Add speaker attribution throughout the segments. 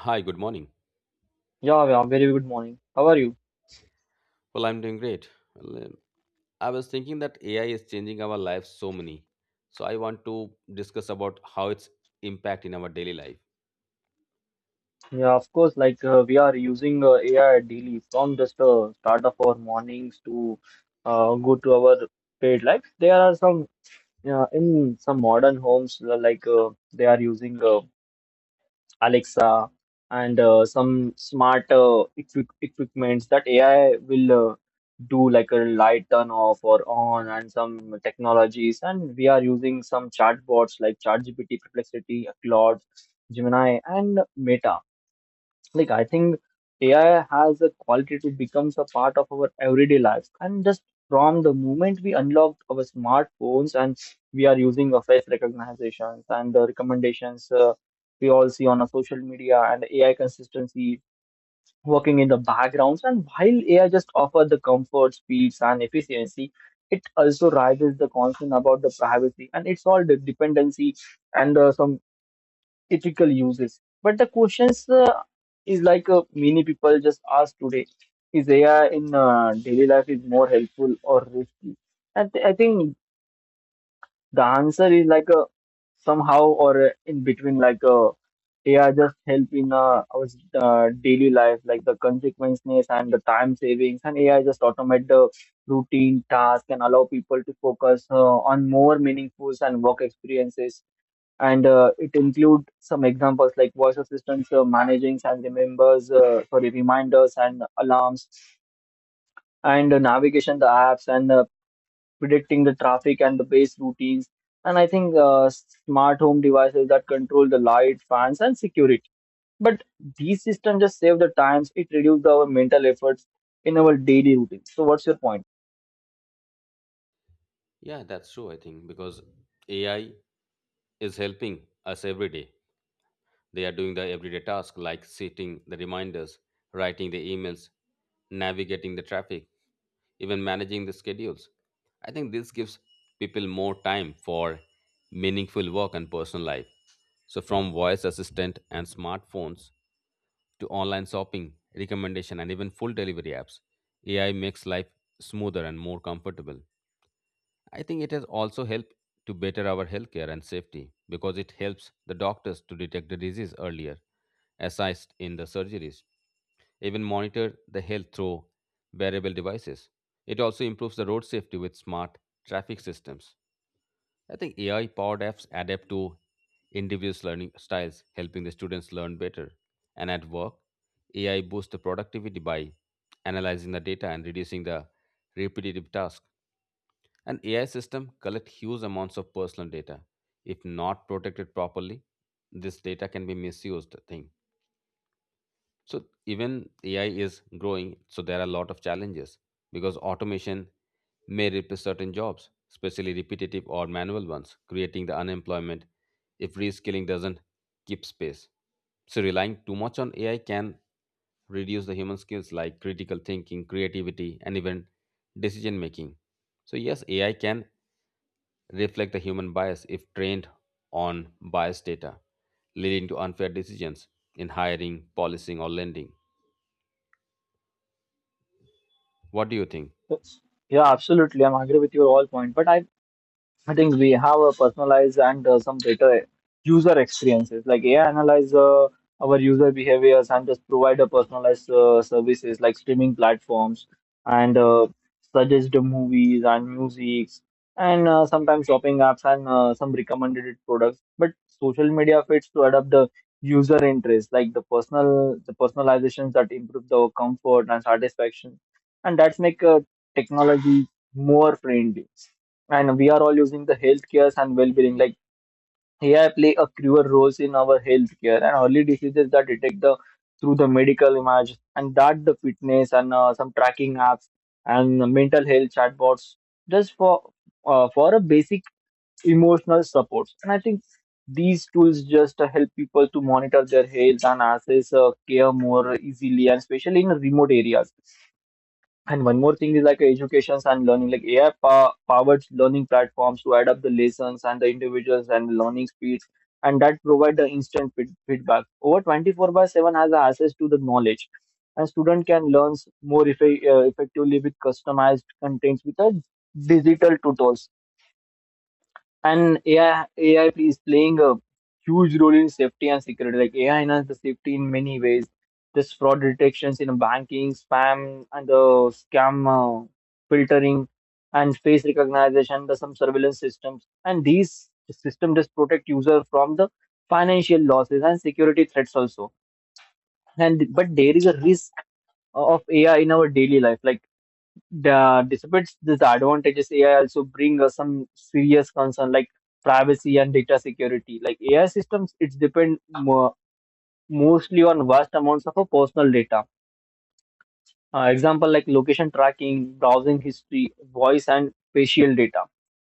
Speaker 1: Hi, good morning.
Speaker 2: Yeah, yeah, very good morning. How are you?
Speaker 1: Well, I'm doing great. Well, I was thinking that AI is changing our lives so many. So I want to discuss about how its impact in our daily life.
Speaker 2: Yeah, of course, like we are using AI daily from just start of our mornings to go to our paid life. There are some in some modern homes like they are using Alexa, and some smart equipments that AI will do like a light turn off or on, and some technologies. And we are using some chatbots like ChatGPT, Perplexity, Claude, Gemini, and Meta. Like I think AI has a quality to becomes a part of our everyday lives. And just from the moment we unlock our smartphones and we are using a face recognitions and the recommendations, we all see on our social media, and AI consistency working in the backgrounds. And while AI just offer the comfort, speeds, and efficiency, it also raises the concern about the privacy and it's all the dependency and some ethical uses. But the questions is like many people just ask today: is AI in daily life is more helpful or risky? And I think the answer is like somehow or in between. Like AI just help in our daily life, like the consequences and the time savings, and AI just automate the routine task and allow people to focus on more meaningful and work experiences. And it include some examples like voice assistants managing and remembers sorry, reminders and alarms and navigation the apps, and predicting the traffic and the base routines. And I think smart home devices that control the light fans and security. But these systems just save the times, it reduces our mental efforts in our daily routine. So what's your point?
Speaker 1: Yeah, that's true, I think, because AI is helping us every day. They are doing the everyday tasks like setting the reminders, writing the emails, navigating the traffic, even managing the schedules. I think this gives people more time for meaningful work and personal life. So, from voice assistant and smartphones to online shopping, recommendation, and even full delivery apps, AI makes life smoother and more comfortable. I think it has also helped to better our healthcare and safety because it helps the doctors to detect the disease earlier, assist in the surgeries, even monitor the health through wearable devices. It also improves the road safety with smart traffic systems. I think AI powered apps adapt to individuals' learning styles, helping the students learn better. And at work, AI boosts the productivity by analyzing the data and reducing the repetitive tasks. An AI system collect huge amounts of personal data. If not protected properly, this data can be misused thing. So even AI is growing, so there are a lot of challenges because automation may replace certain jobs, especially repetitive or manual ones, creating the unemployment if reskilling doesn't keep space. So relying too much on AI can reduce the human skills like critical thinking, creativity, and even decision making. So, yes, AI can reflect the human bias if trained on biased data, leading to unfair decisions in hiring, policing, or lending. What do you think?
Speaker 2: Yeah, absolutely, I'm agree with your all point, but I think we have a personalized and some better user experiences. Like AI analyze our user behaviors and just provide a personalized services like streaming platforms and suggest the movies and music, and sometimes shopping apps and some recommended products. But social media fits to adapt the user interest, like the personalizations that improve the comfort and satisfaction, and that's make technology more friendly. And we are all using the healthcare and well-being. Like AI play a crucial role in our healthcare and early diseases that detect the through the medical image, and that the fitness and some tracking apps and mental health chatbots just for for a basic emotional support. And I think these tools just help people to monitor their health and access care more easily, and especially in remote areas. And one more thing is like educations and learning, like AI powered learning platforms to add up the lessons and the individuals and learning speeds, and that provide the instant feedback. Over 24 by 7 has the access to the knowledge, and student can learn more effectively with customized contents with a digital tutors. And AI is playing a huge role in safety and security. Like AI enhances the safety in many ways. This fraud detections in banking, spam, and the scam filtering, and face recognition, the some surveillance systems, and these system just protect user from the financial losses and security threats also. And but there is a risk of AI in our daily life. Like the despite these advantages, AI also bring us some serious concern like privacy and data security. Like AI systems, it's depend mostly on vast amounts of a personal data. Example like location tracking, browsing history, voice and facial data.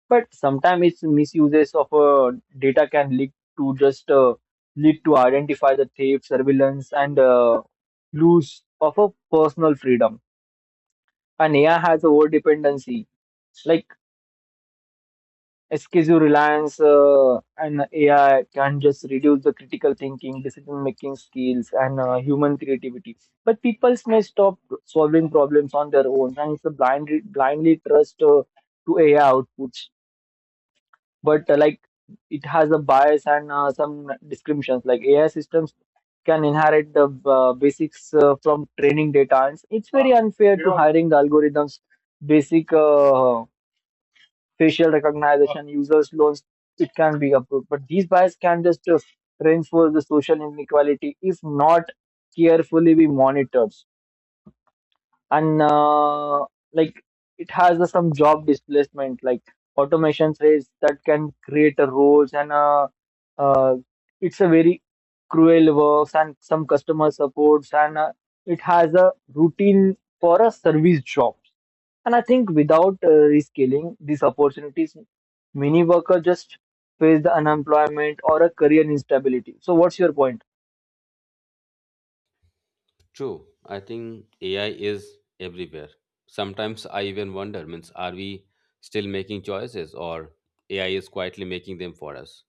Speaker 2: But sometimes its misuses of data can lead to identify the theft, surveillance, and loss of a personal freedom. And AI has over dependency. Like, excessive reliance on AI can just reduce the critical thinking, decision making skills, and human creativity. But people may stop solving problems on their own, and it's a blindly trust to AI outputs. But like it has a bias and some descriptions, like AI systems can inherit the basics from training data. And it's very unfair to hiring the algorithms basic facial recognition, users loans, it can be approved. But these bias can just reinforce the social inequality if not carefully be monitored. And like it has some job displacement, like automation says that can create a roles and uh, it's a very cruel works and some customer supports, and it has a routine for a service job. And I think without reskilling these opportunities, many workers just face the unemployment or a career instability. So, what's your point?
Speaker 1: True, I think AI is everywhere. Sometimes I even wonder, means are we still making choices or AI is quietly making them for us?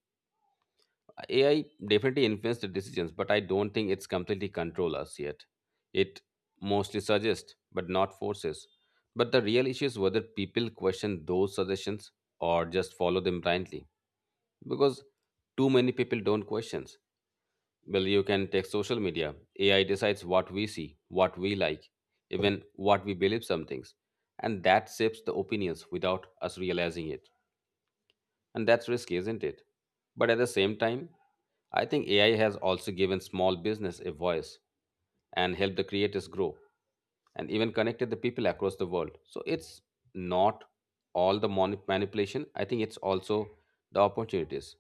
Speaker 1: AI definitely influences the decisions, but I don't think it's completely control us yet. It mostly suggests, but not forces. But the real issue is whether people question those suggestions or just follow them blindly. Because too many people don't question. Well, you can take social media. AI decides what we see, what we like, even what we believe some things. And that shapes the opinions without us realizing it. And that's risky, isn't it? But at the same time, I think AI has also given small business a voice and helped the creators grow and even connected the people across the world. So it's not all the manipulation. I think it's also the opportunities.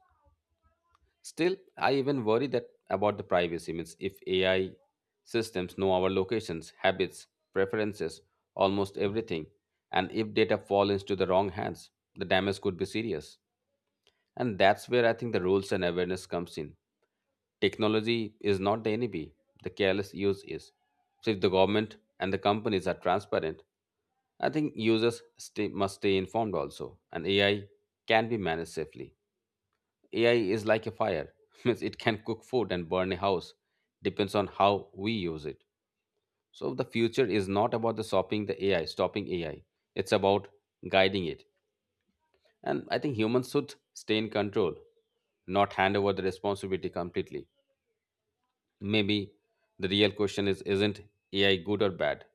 Speaker 1: Still, I even worry that about the privacy means if AI systems know our locations, habits, preferences, almost everything, and if data fall into the wrong hands, the damage could be serious. And that's where I think the rules and awareness comes in. Technology is not the enemy, the careless use is. So if the government and the companies are transparent, I think users stay, must stay informed also. And AI can be managed safely. AI is like a fire, means it can cook food and burn a house, depends on how we use it. So the future is not about the stopping the AI, stopping AI. It's about guiding it and I think humans should stay in control, not hand over the responsibility completely. Maybe the real question is isn't AI good or bad,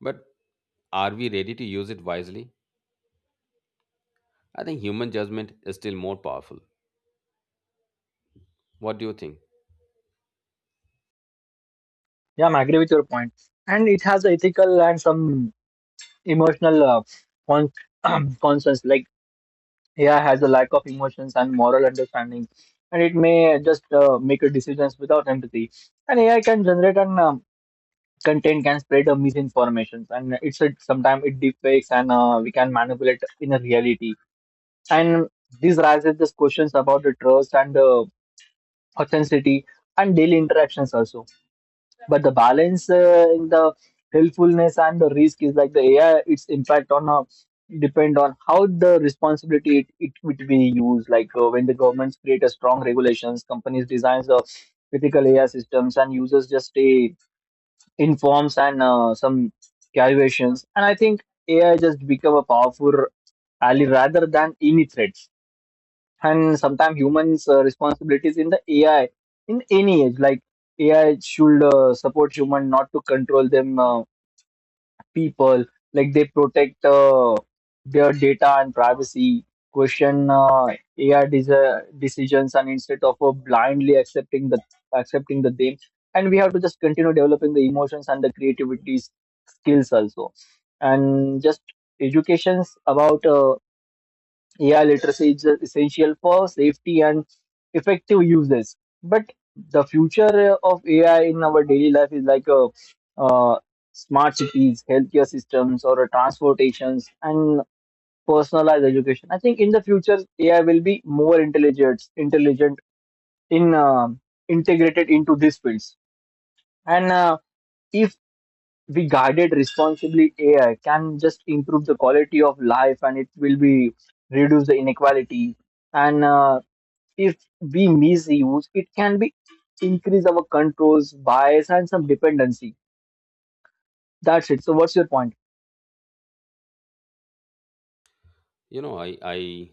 Speaker 1: but are we ready to use it wisely? I think human judgment is still more powerful. What do you think?
Speaker 2: Yeah, I agree with your point. And it has ethical and some emotional con- concerns. Like, yeah, has a lack of emotions and moral understanding, and it may just make a decisions without empathy. And AI can generate and content can spread a misinformation, and it's a, sometimes it deepfakes and we can manipulate in a reality. And this raises these questions about the trust and the authenticity and daily interactions also. But the balance in the helpfulness and the risk is like the AI its impact on depend on how the responsibility it would be used. Like when the governments create a strong regulations, companies designs the critical AI systems and users just stay informs and some calculations, and I think AI just become a powerful ally rather than any threat. And sometimes humans responsibilities in the AI in any age, like AI should support human, not to control them. Uh, people like they protect their data and privacy, question decisions, and instead of blindly accepting them. And we have to just continue developing the emotions and the creativity skills also. And just educations about AI literacy is essential for safety and effective uses. But the future of AI in our daily life is like a, uh, smart cities, healthcare systems, or a transportations and personalized education. I think in the future AI will be more intelligent in integrated into these fields. And if we guided responsibly, AI can just improve the quality of life, and it will be reduce the inequality. And if we misuse, it can be increase our controls, bias, and some dependency. That's it. So, what's your point?
Speaker 1: You know, I I,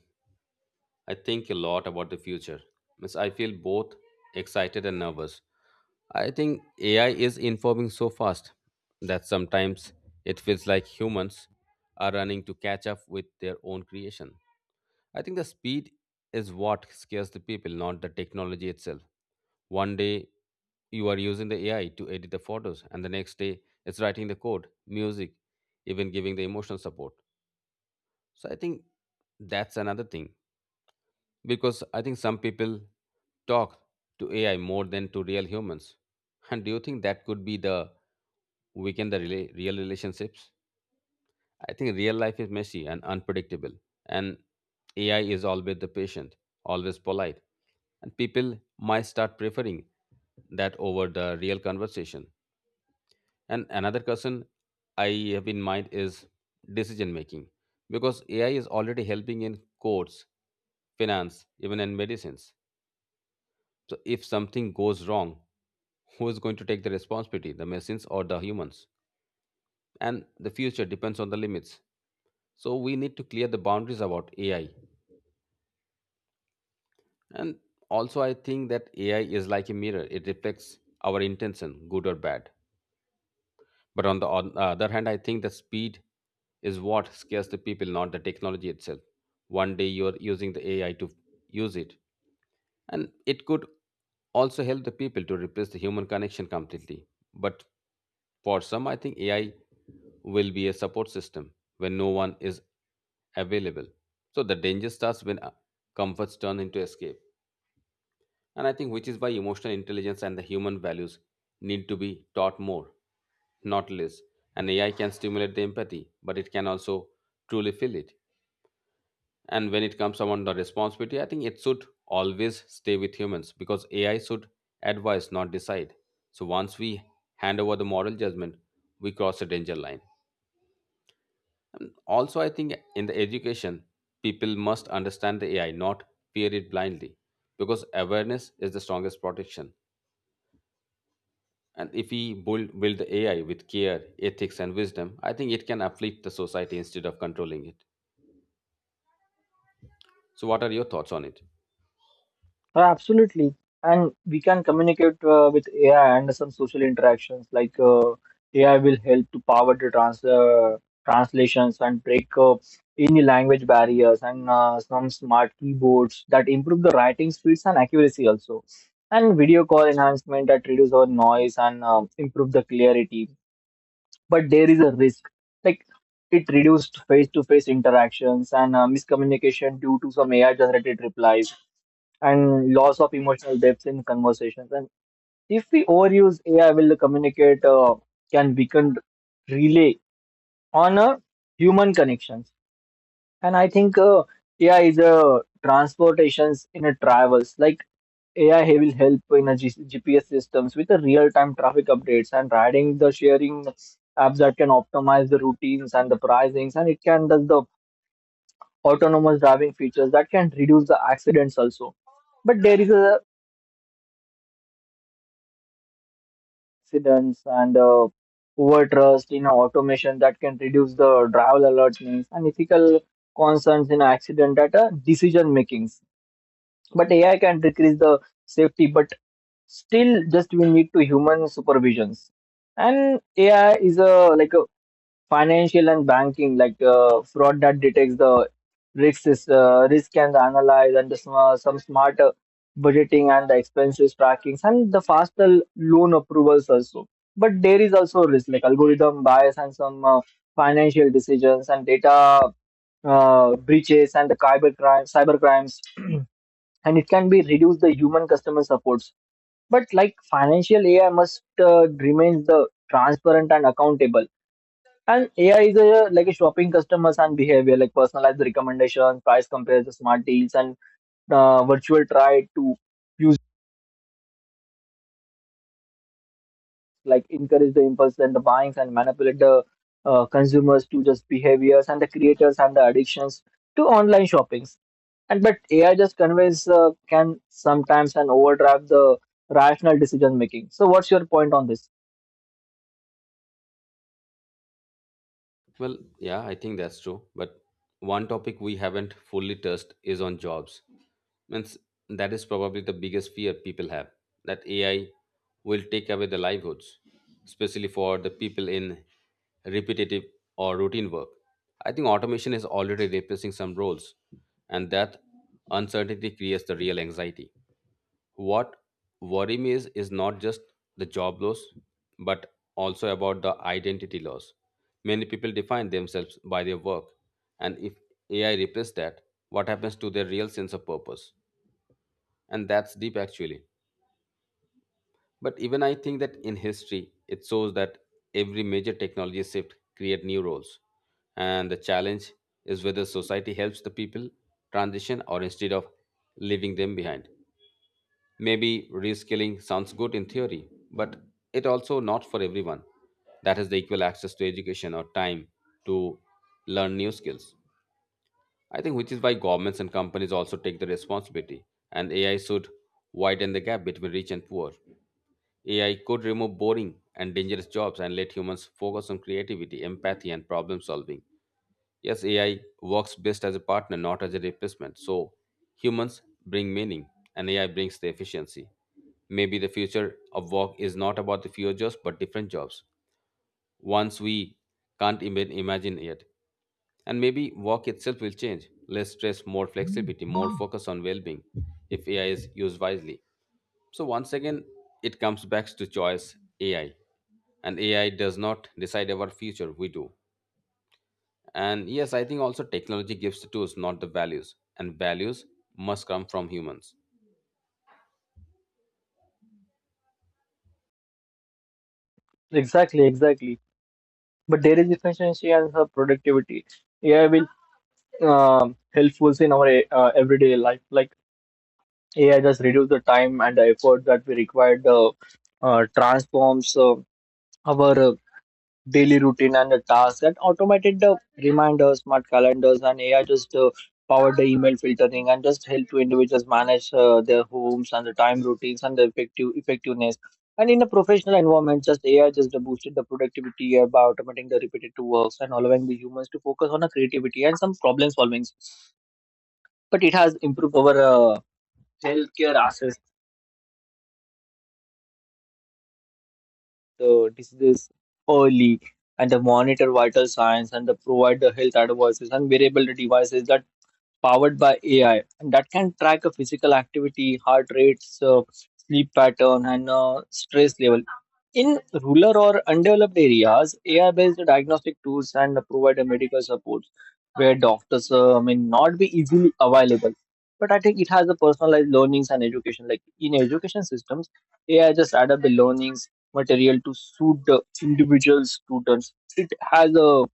Speaker 1: I think a lot about the future. Means I feel both excited and nervous. I think AI is informing so fast that sometimes it feels like humans are running to catch up with their own creation. I think the speed is what scares the people, not the technology itself. One day you are using the AI to edit the photos, and the next day it's writing the code, music, even giving the emotional support. So I think that's another thing because I think some people talk to AI more than to real humans. And do you think that could be the weaken the real relationships? I think real life is messy and unpredictable, and AI is always the patient, always polite, and people might start preferring that over the real conversation. And another concern I have in mind is decision making because AI is already helping in courts, finance, even in medicines. So if something goes wrong, who is going to take the responsibility, the machines or the humans? And the future depends on the limits. So we need to clear the boundaries about AI. And also, I think that AI is like a mirror, it reflects our intention, good or bad. But on the other hand, I think the speed is what scares the people, not the technology itself. One day you're using the AI to use it, and it could also help the people to replace the human connection completely. But for some, I think AI will be a support system when no one is available. So the danger starts when comforts turn into escape. And I think which is why emotional intelligence and the human values need to be taught more, not less. And AI can stimulate the empathy, but it can also truly feel it. And when it comes on the responsibility, I think it should always stay with humans because AI should advise, not decide. So once we hand over the moral judgment, we cross a danger line. And also, I think in the education, people must understand the AI, not fear it blindly, because awareness is the strongest protection. And if we build AI with care, ethics, and wisdom, I think it can uplift the society instead of controlling it. So, what are your thoughts on it?
Speaker 2: Absolutely. And we can communicate with AI and some social interactions. Like AI will help to power the translations and break up any language barriers, and some smart keyboards that improve the writing speeds and accuracy also. And video call enhancement that reduce our noise and improve the clarity. But there is a risk. Like it reduced face-to-face interactions and miscommunication due to some AI-generated replies and loss of emotional depth in conversations. And if we overuse AI, will communicate can weaken relay on a human connections. And I think AI is a transportations in a travels. Like AI will help in a GPS systems with the real-time traffic updates and adding the sharing apps that can optimize the routines and the pricings, and it can does the autonomous driving features that can reduce the accidents also. But there is a accidents and over trust in automation that can reduce the driver alertness and ethical concerns in accident at a decision makings. But AI can decrease the safety, but still just we need to human supervisions. And AI is a like a financial and banking, like fraud that detects the risk and analyze and the, some smart budgeting and the expenses trackings and the faster loan approvals also. But there is also risk like algorithm bias and some financial decisions and data breaches and the cyber crimes and it can be reduce the human customer supports. But like financial AI must remain the transparent and accountable. And AI is a, like a shopping customers and behavior, like personalized recommendations, price compares, smart deals, and virtual try to use, like encourage the impulse and the buyings and manipulate the consumers to just behaviors and the creators and the addictions to online shoppings. And but AI just conveys can sometimes and overdrive the rational decision making. So what's your point on this?
Speaker 1: Well, yeah, I think that's true. But one topic we haven't fully touched is on jobs. Means that is probably the biggest fear people have that AI will take away the livelihoods, especially for the people in repetitive or routine work. I think automation is already replacing some roles, and that uncertainty creates the real anxiety. What worry me is not just the job loss, but also about the identity loss. Many people define themselves by their work, and if AI replaces that, what happens to their real sense of purpose? And that's deep actually. But even I think that in history, it shows that every major technology shift create new roles. And the challenge is whether society helps the people transition or instead of leaving them behind. Maybe reskilling sounds good in theory, but it also not for everyone. That is the equal access to education or time to learn new skills. I think which is why governments and companies also take the responsibility and AI should widen the gap between rich and poor. AI could remove boring and dangerous jobs and let humans focus on creativity, empathy and problem solving. Yes, AI works best as a partner, not as a replacement. So humans bring meaning and AI brings the efficiency. Maybe the future of work is not about the fewer jobs but different jobs. Once we can't even imagine yet. And maybe work itself will change. Less stress, more flexibility, more focus on well being if AI is used wisely. So once again, it comes back to choice AI. And AI does not decide our future, we do. And yes, I think also technology gives the tools, not the values. And values must come from humans.
Speaker 2: Exactly, exactly. But there is efficiency and her productivity. AI will helpful in our everyday life. Like AI just reduce the time and the effort that we require. The transforms, our, daily routine and the tasks and automated the reminders, smart calendars, and AI just powered the email filtering and just help to individuals manage their homes and the time routines and the effectiveness. And in a professional environment, just AI just boosted the productivity by automating the repetitive works and allowing the humans to focus on the creativity and some problem solving. But it has improved our healthcare access, the diseases early, and the monitor vital signs and the provide the health advices and wearable devices that powered by AI, and that can track a physical activity, heart rates, sleep pattern, and stress level. In rural or undeveloped areas, AI-based diagnostic tools and provide a medical support where doctors may not be easily available. But I think it has a personalized learnings and education. Like in education systems, AI just add up the learnings material to suit the individual students. It has a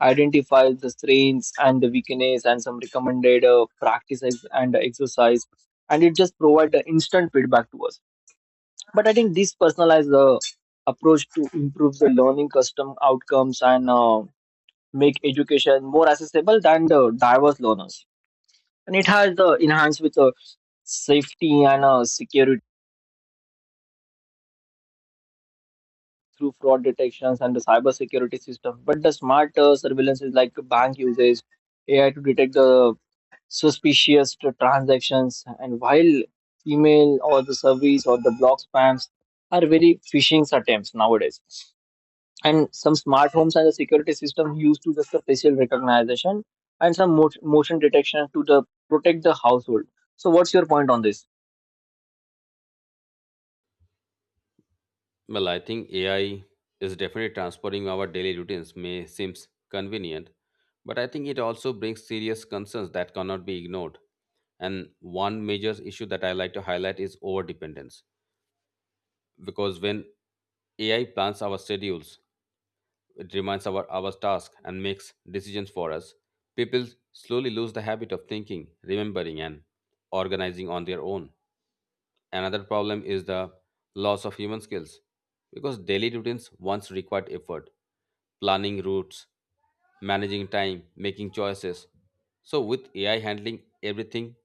Speaker 2: identify the strengths and the weakness and some recommended practices and exercise, and it just provide the instant feedback to us. But I think this personalized, approach to improve the learning custom outcomes and, make education more accessible than the diverse learners, and it has, enhanced with, safety and, security through fraud detections and the cyber security system, but the smart surveillance is like bank uses AI to detect the suspicious to transactions, and while email or the service or the blog spams are very phishing attempts nowadays, and some smart homes and the security system used to just the facial recognition and some motion detection to the protect the household. So what's your point on this?
Speaker 1: Well, I think AI is definitely transforming our daily routines. May seems convenient, but I think it also brings serious concerns that cannot be ignored. And one major issue that I like to highlight is overdependence. Because when AI plans our schedules, it reminds our task and makes decisions for us. People slowly lose the habit of thinking, remembering, and organizing on their own. Another problem is the loss of human skills because daily routines once required effort, planning routes, managing time, making choices. So, with AI handling everything,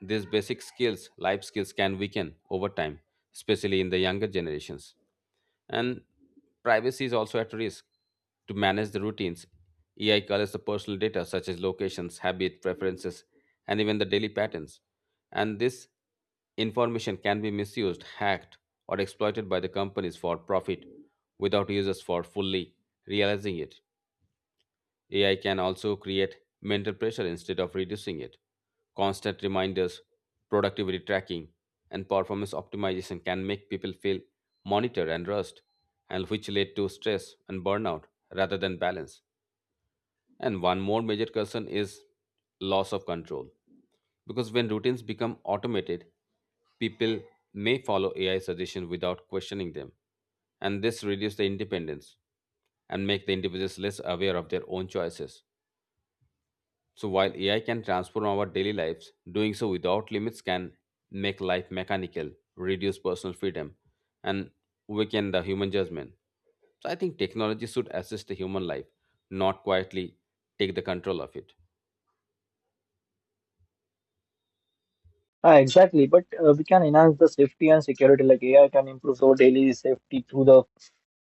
Speaker 1: these basic skills, life skills, can weaken over time, especially in the younger generations and privacy is also at risk. To manage the routines, AI collects the personal data such as locations, habit, preferences, and even the daily patterns. And this information can be misused, hacked, or exploited by the companies for profit without users for fully realizing it. AI can also create mental pressure instead of reducing it. Constant reminders, productivity tracking, and performance optimization can make people feel monitored and rushed, and which lead to stress and burnout rather than balance. And one more major concern is loss of control. Because when routines become automated, people may follow AI suggestions without questioning them, and this reduces the independence and make the individuals less aware of their own choices. So while AI can transform our daily lives, doing so without limits can make life mechanical, reduce personal freedom, and weaken the human judgment. So I think technology should assist the human life, not quietly take the control of it.
Speaker 2: Ah, exactly, but we can enhance the safety and security, like AI can improve our daily safety through the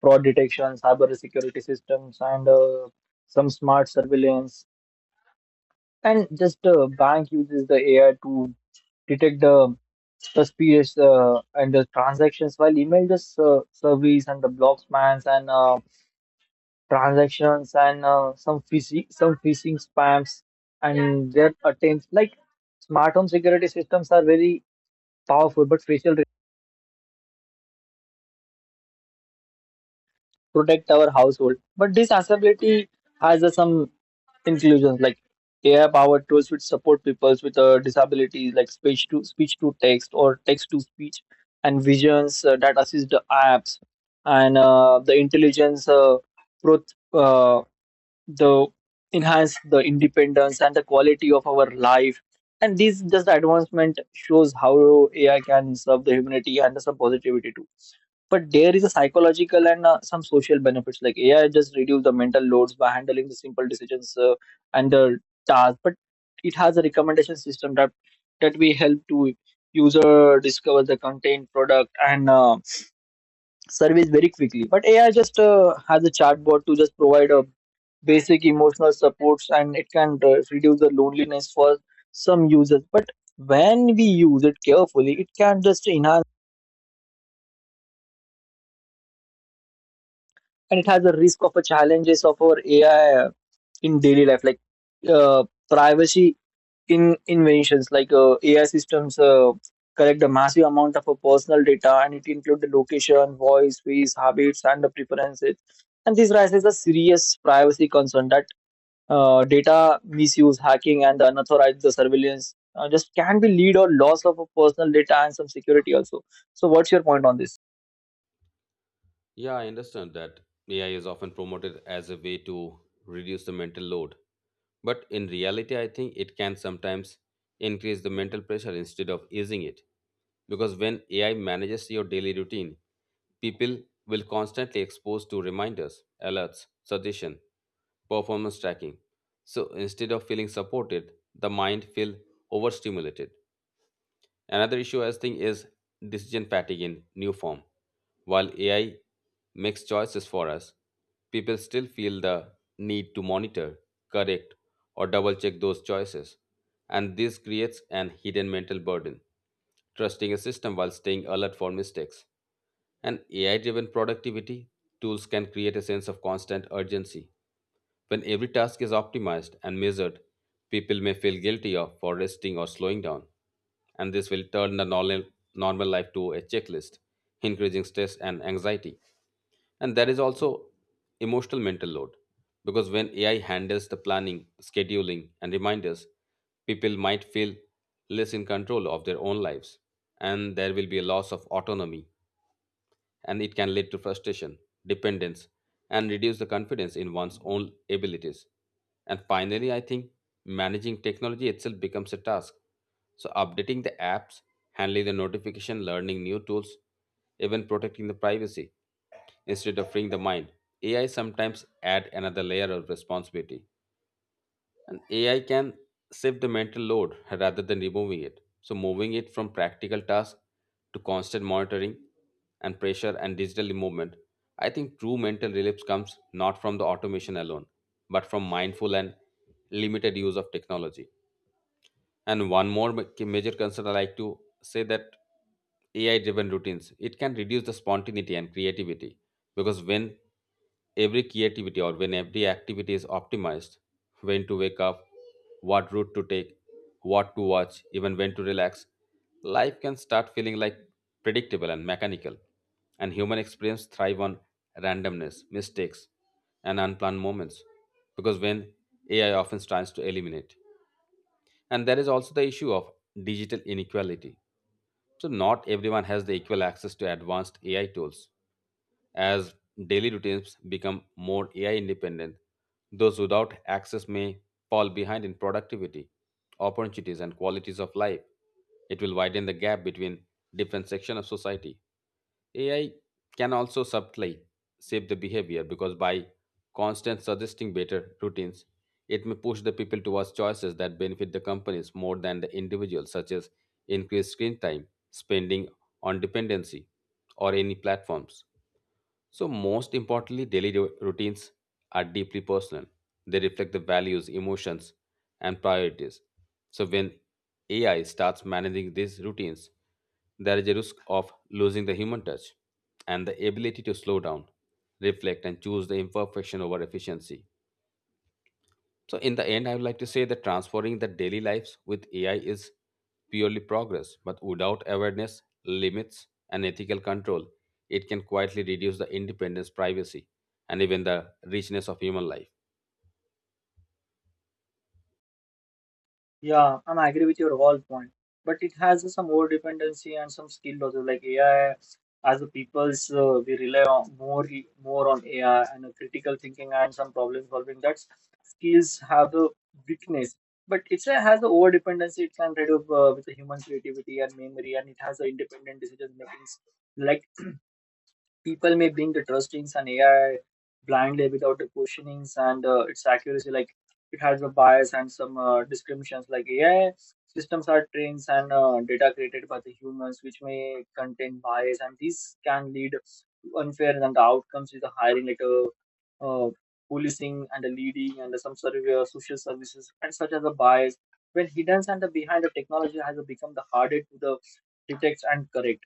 Speaker 2: fraud detection, cyber security systems, and some smart surveillance. And just bank uses the AI to detect the suspicious, and the transactions, while email just surveys and the block spams and transactions and some phishing spams and their attempts. Like smart home security systems are very powerful, but facial protect our household. But this accessibility has some inclusions, like AI powered tools which support people with disabilities, like speech to text or text to speech and visions, that assist the apps and, the intelligence, pro- uh, the enhance the independence and the quality of our life, and this just advancement shows how AI can serve the humanity and some positivity too. But there is a psychological and, some social benefits, like AI just reduce the mental loads by handling the simple decisions, and the task. But it has a recommendation system that we help to user discover the content, product, and, service very quickly. But AI just, has a chatbot to just provide a basic emotional supports, and it can reduce the loneliness for some users. But when we use it carefully, it can just enhance, and it has a risk of a challenges of our AI in daily life, like, privacy in inventions, like, ai systems, collect a massive amount of, personal data, and it includes the location, voice, face, habits, and the preferences, and this raises a serious privacy concern that, data misuse, hacking, and unauthorized the surveillance, just can be lead or loss of a personal data and some security also. So what's your point on this?
Speaker 1: Yeah, I understand that AI is often promoted as a way to reduce the mental load. But in reality, I think it can sometimes increase the mental pressure instead of easing it. Because when AI manages your daily routine, people will constantly exposed to reminders, alerts, suggestion, performance tracking. So instead of feeling supported, the mind feel overstimulated. Another issue I think is decision fatigue in new form. While AI makes choices for us, people still feel the need to monitor, correct, or double check those choices. And this creates an hidden mental burden, trusting a system while staying alert for mistakes. And AI driven productivity tools can create a sense of constant urgency when every task is optimized and measured, people may feel guilty of for resting or slowing down, and this will turn the normal life to a checklist, increasing stress and anxiety. And there is also emotional mental load because when AI handles the planning, scheduling, and reminders, people might feel less in control of their own lives, and there will be a loss of autonomy and it can lead to frustration, dependence, and reduce the confidence in one's own abilities. And finally, I think managing technology itself becomes a task. So, updating the apps, handling the notification, learning new tools, even protecting the privacy instead of freeing the mind. AI sometimes add another layer of responsibility. And AI can shift the mental load rather than removing it. So, moving it from practical tasks to constant monitoring and pressure and digital movement, I think true mental relief comes not from the automation alone, but from mindful and limited use of technology. And one more major concern I like to say that AI driven routines it can reduce the spontaneity and creativity because when every creativity or when every activity is optimized, when to wake up, what route to take, what to watch, even when to relax, life can start feeling like predictable and mechanical. And human experience thrive on randomness, mistakes, and unplanned moments because when AI often tries to eliminate. And there is also the issue of digital inequality. So, not everyone has the equal access to advanced AI tools. As daily routines become more AI independent, those without access may fall behind in productivity, opportunities, and qualities of life. It will widen the gap between different sections of society. AI can also subtly shape the behavior because by constant suggesting better routines, it may push the people towards choices that benefit the companies more than the individuals, such as increased screen time, spending on dependency, or any platforms. So, most importantly, routines are deeply personal. They reflect the values, emotions, and priorities. So, when AI starts managing these routines, there is a risk of losing the human touch and the ability to slow down, reflect, and choose the imperfection over efficiency. So, in the end, I would like to say that transforming the daily lives with AI is purely progress, but without awareness, limits, and ethical control, it can quietly reduce the independence, privacy, and even the richness of human life.
Speaker 2: Yeah, I'm agree with your whole point, but it has some more dependency and some skill losses. Like AI, as the peoples, we rely on more on AI and the critical thinking and some problem solving. That's skills have the weakness, but it's a, has the over dependency. It can reduce, with the human creativity and memory, and it has the independent decision making. Like people may bring the trustings in AI blindly without the questionings and, its accuracy. Like it has a bias and some, discriminations. Like AI systems are trained and, data created by the humans, which may contain bias, and these can lead to unfair and the outcomes with the hiring, like, uh, policing and the leading and some survey, social services, and such as a bias. When hidden and the behind the technology has become the harder to the detect and correct.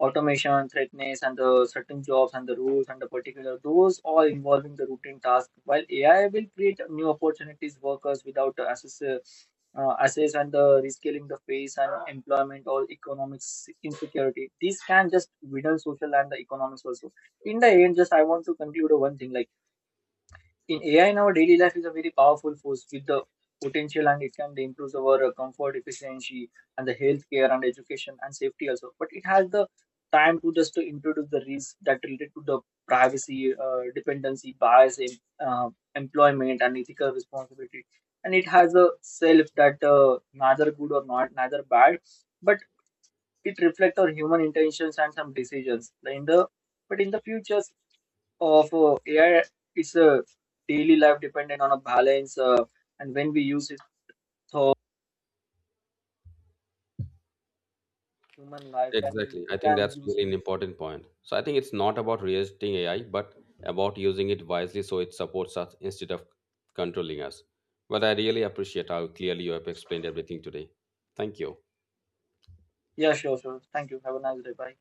Speaker 2: Automation, threatness, and the certain jobs and the rules and the particular, those all involving the routine task. While AI will create new opportunities, workers without access, access and the rescaling the face and employment or economic insecurity. These can just widen social and the economics also. In the end, just I want to conclude one thing, like in AI in our daily life is a very powerful force with the potential, and it can improve our, comfort, efficiency, and the healthcare and education and safety also. But it has the time to just to introduce the risks that related to the privacy, dependency, bias, employment, and ethical responsibility. And it has a self that, neither good or not, neither bad, but it reflects our human intentions and some decisions. Like In the but in the future of, AI, it's a daily life dependent on a balance, and when we use it for human life, and
Speaker 1: Exactly.
Speaker 2: we
Speaker 1: I think
Speaker 2: can
Speaker 1: that's
Speaker 2: use.
Speaker 1: really an important point. So, I think it's not about resisting AI, but about using it wisely so it supports us instead of controlling us. But I really appreciate how clearly you have explained everything today. Thank you.
Speaker 2: Yeah, sure, sure, thank you, have a nice day, bye.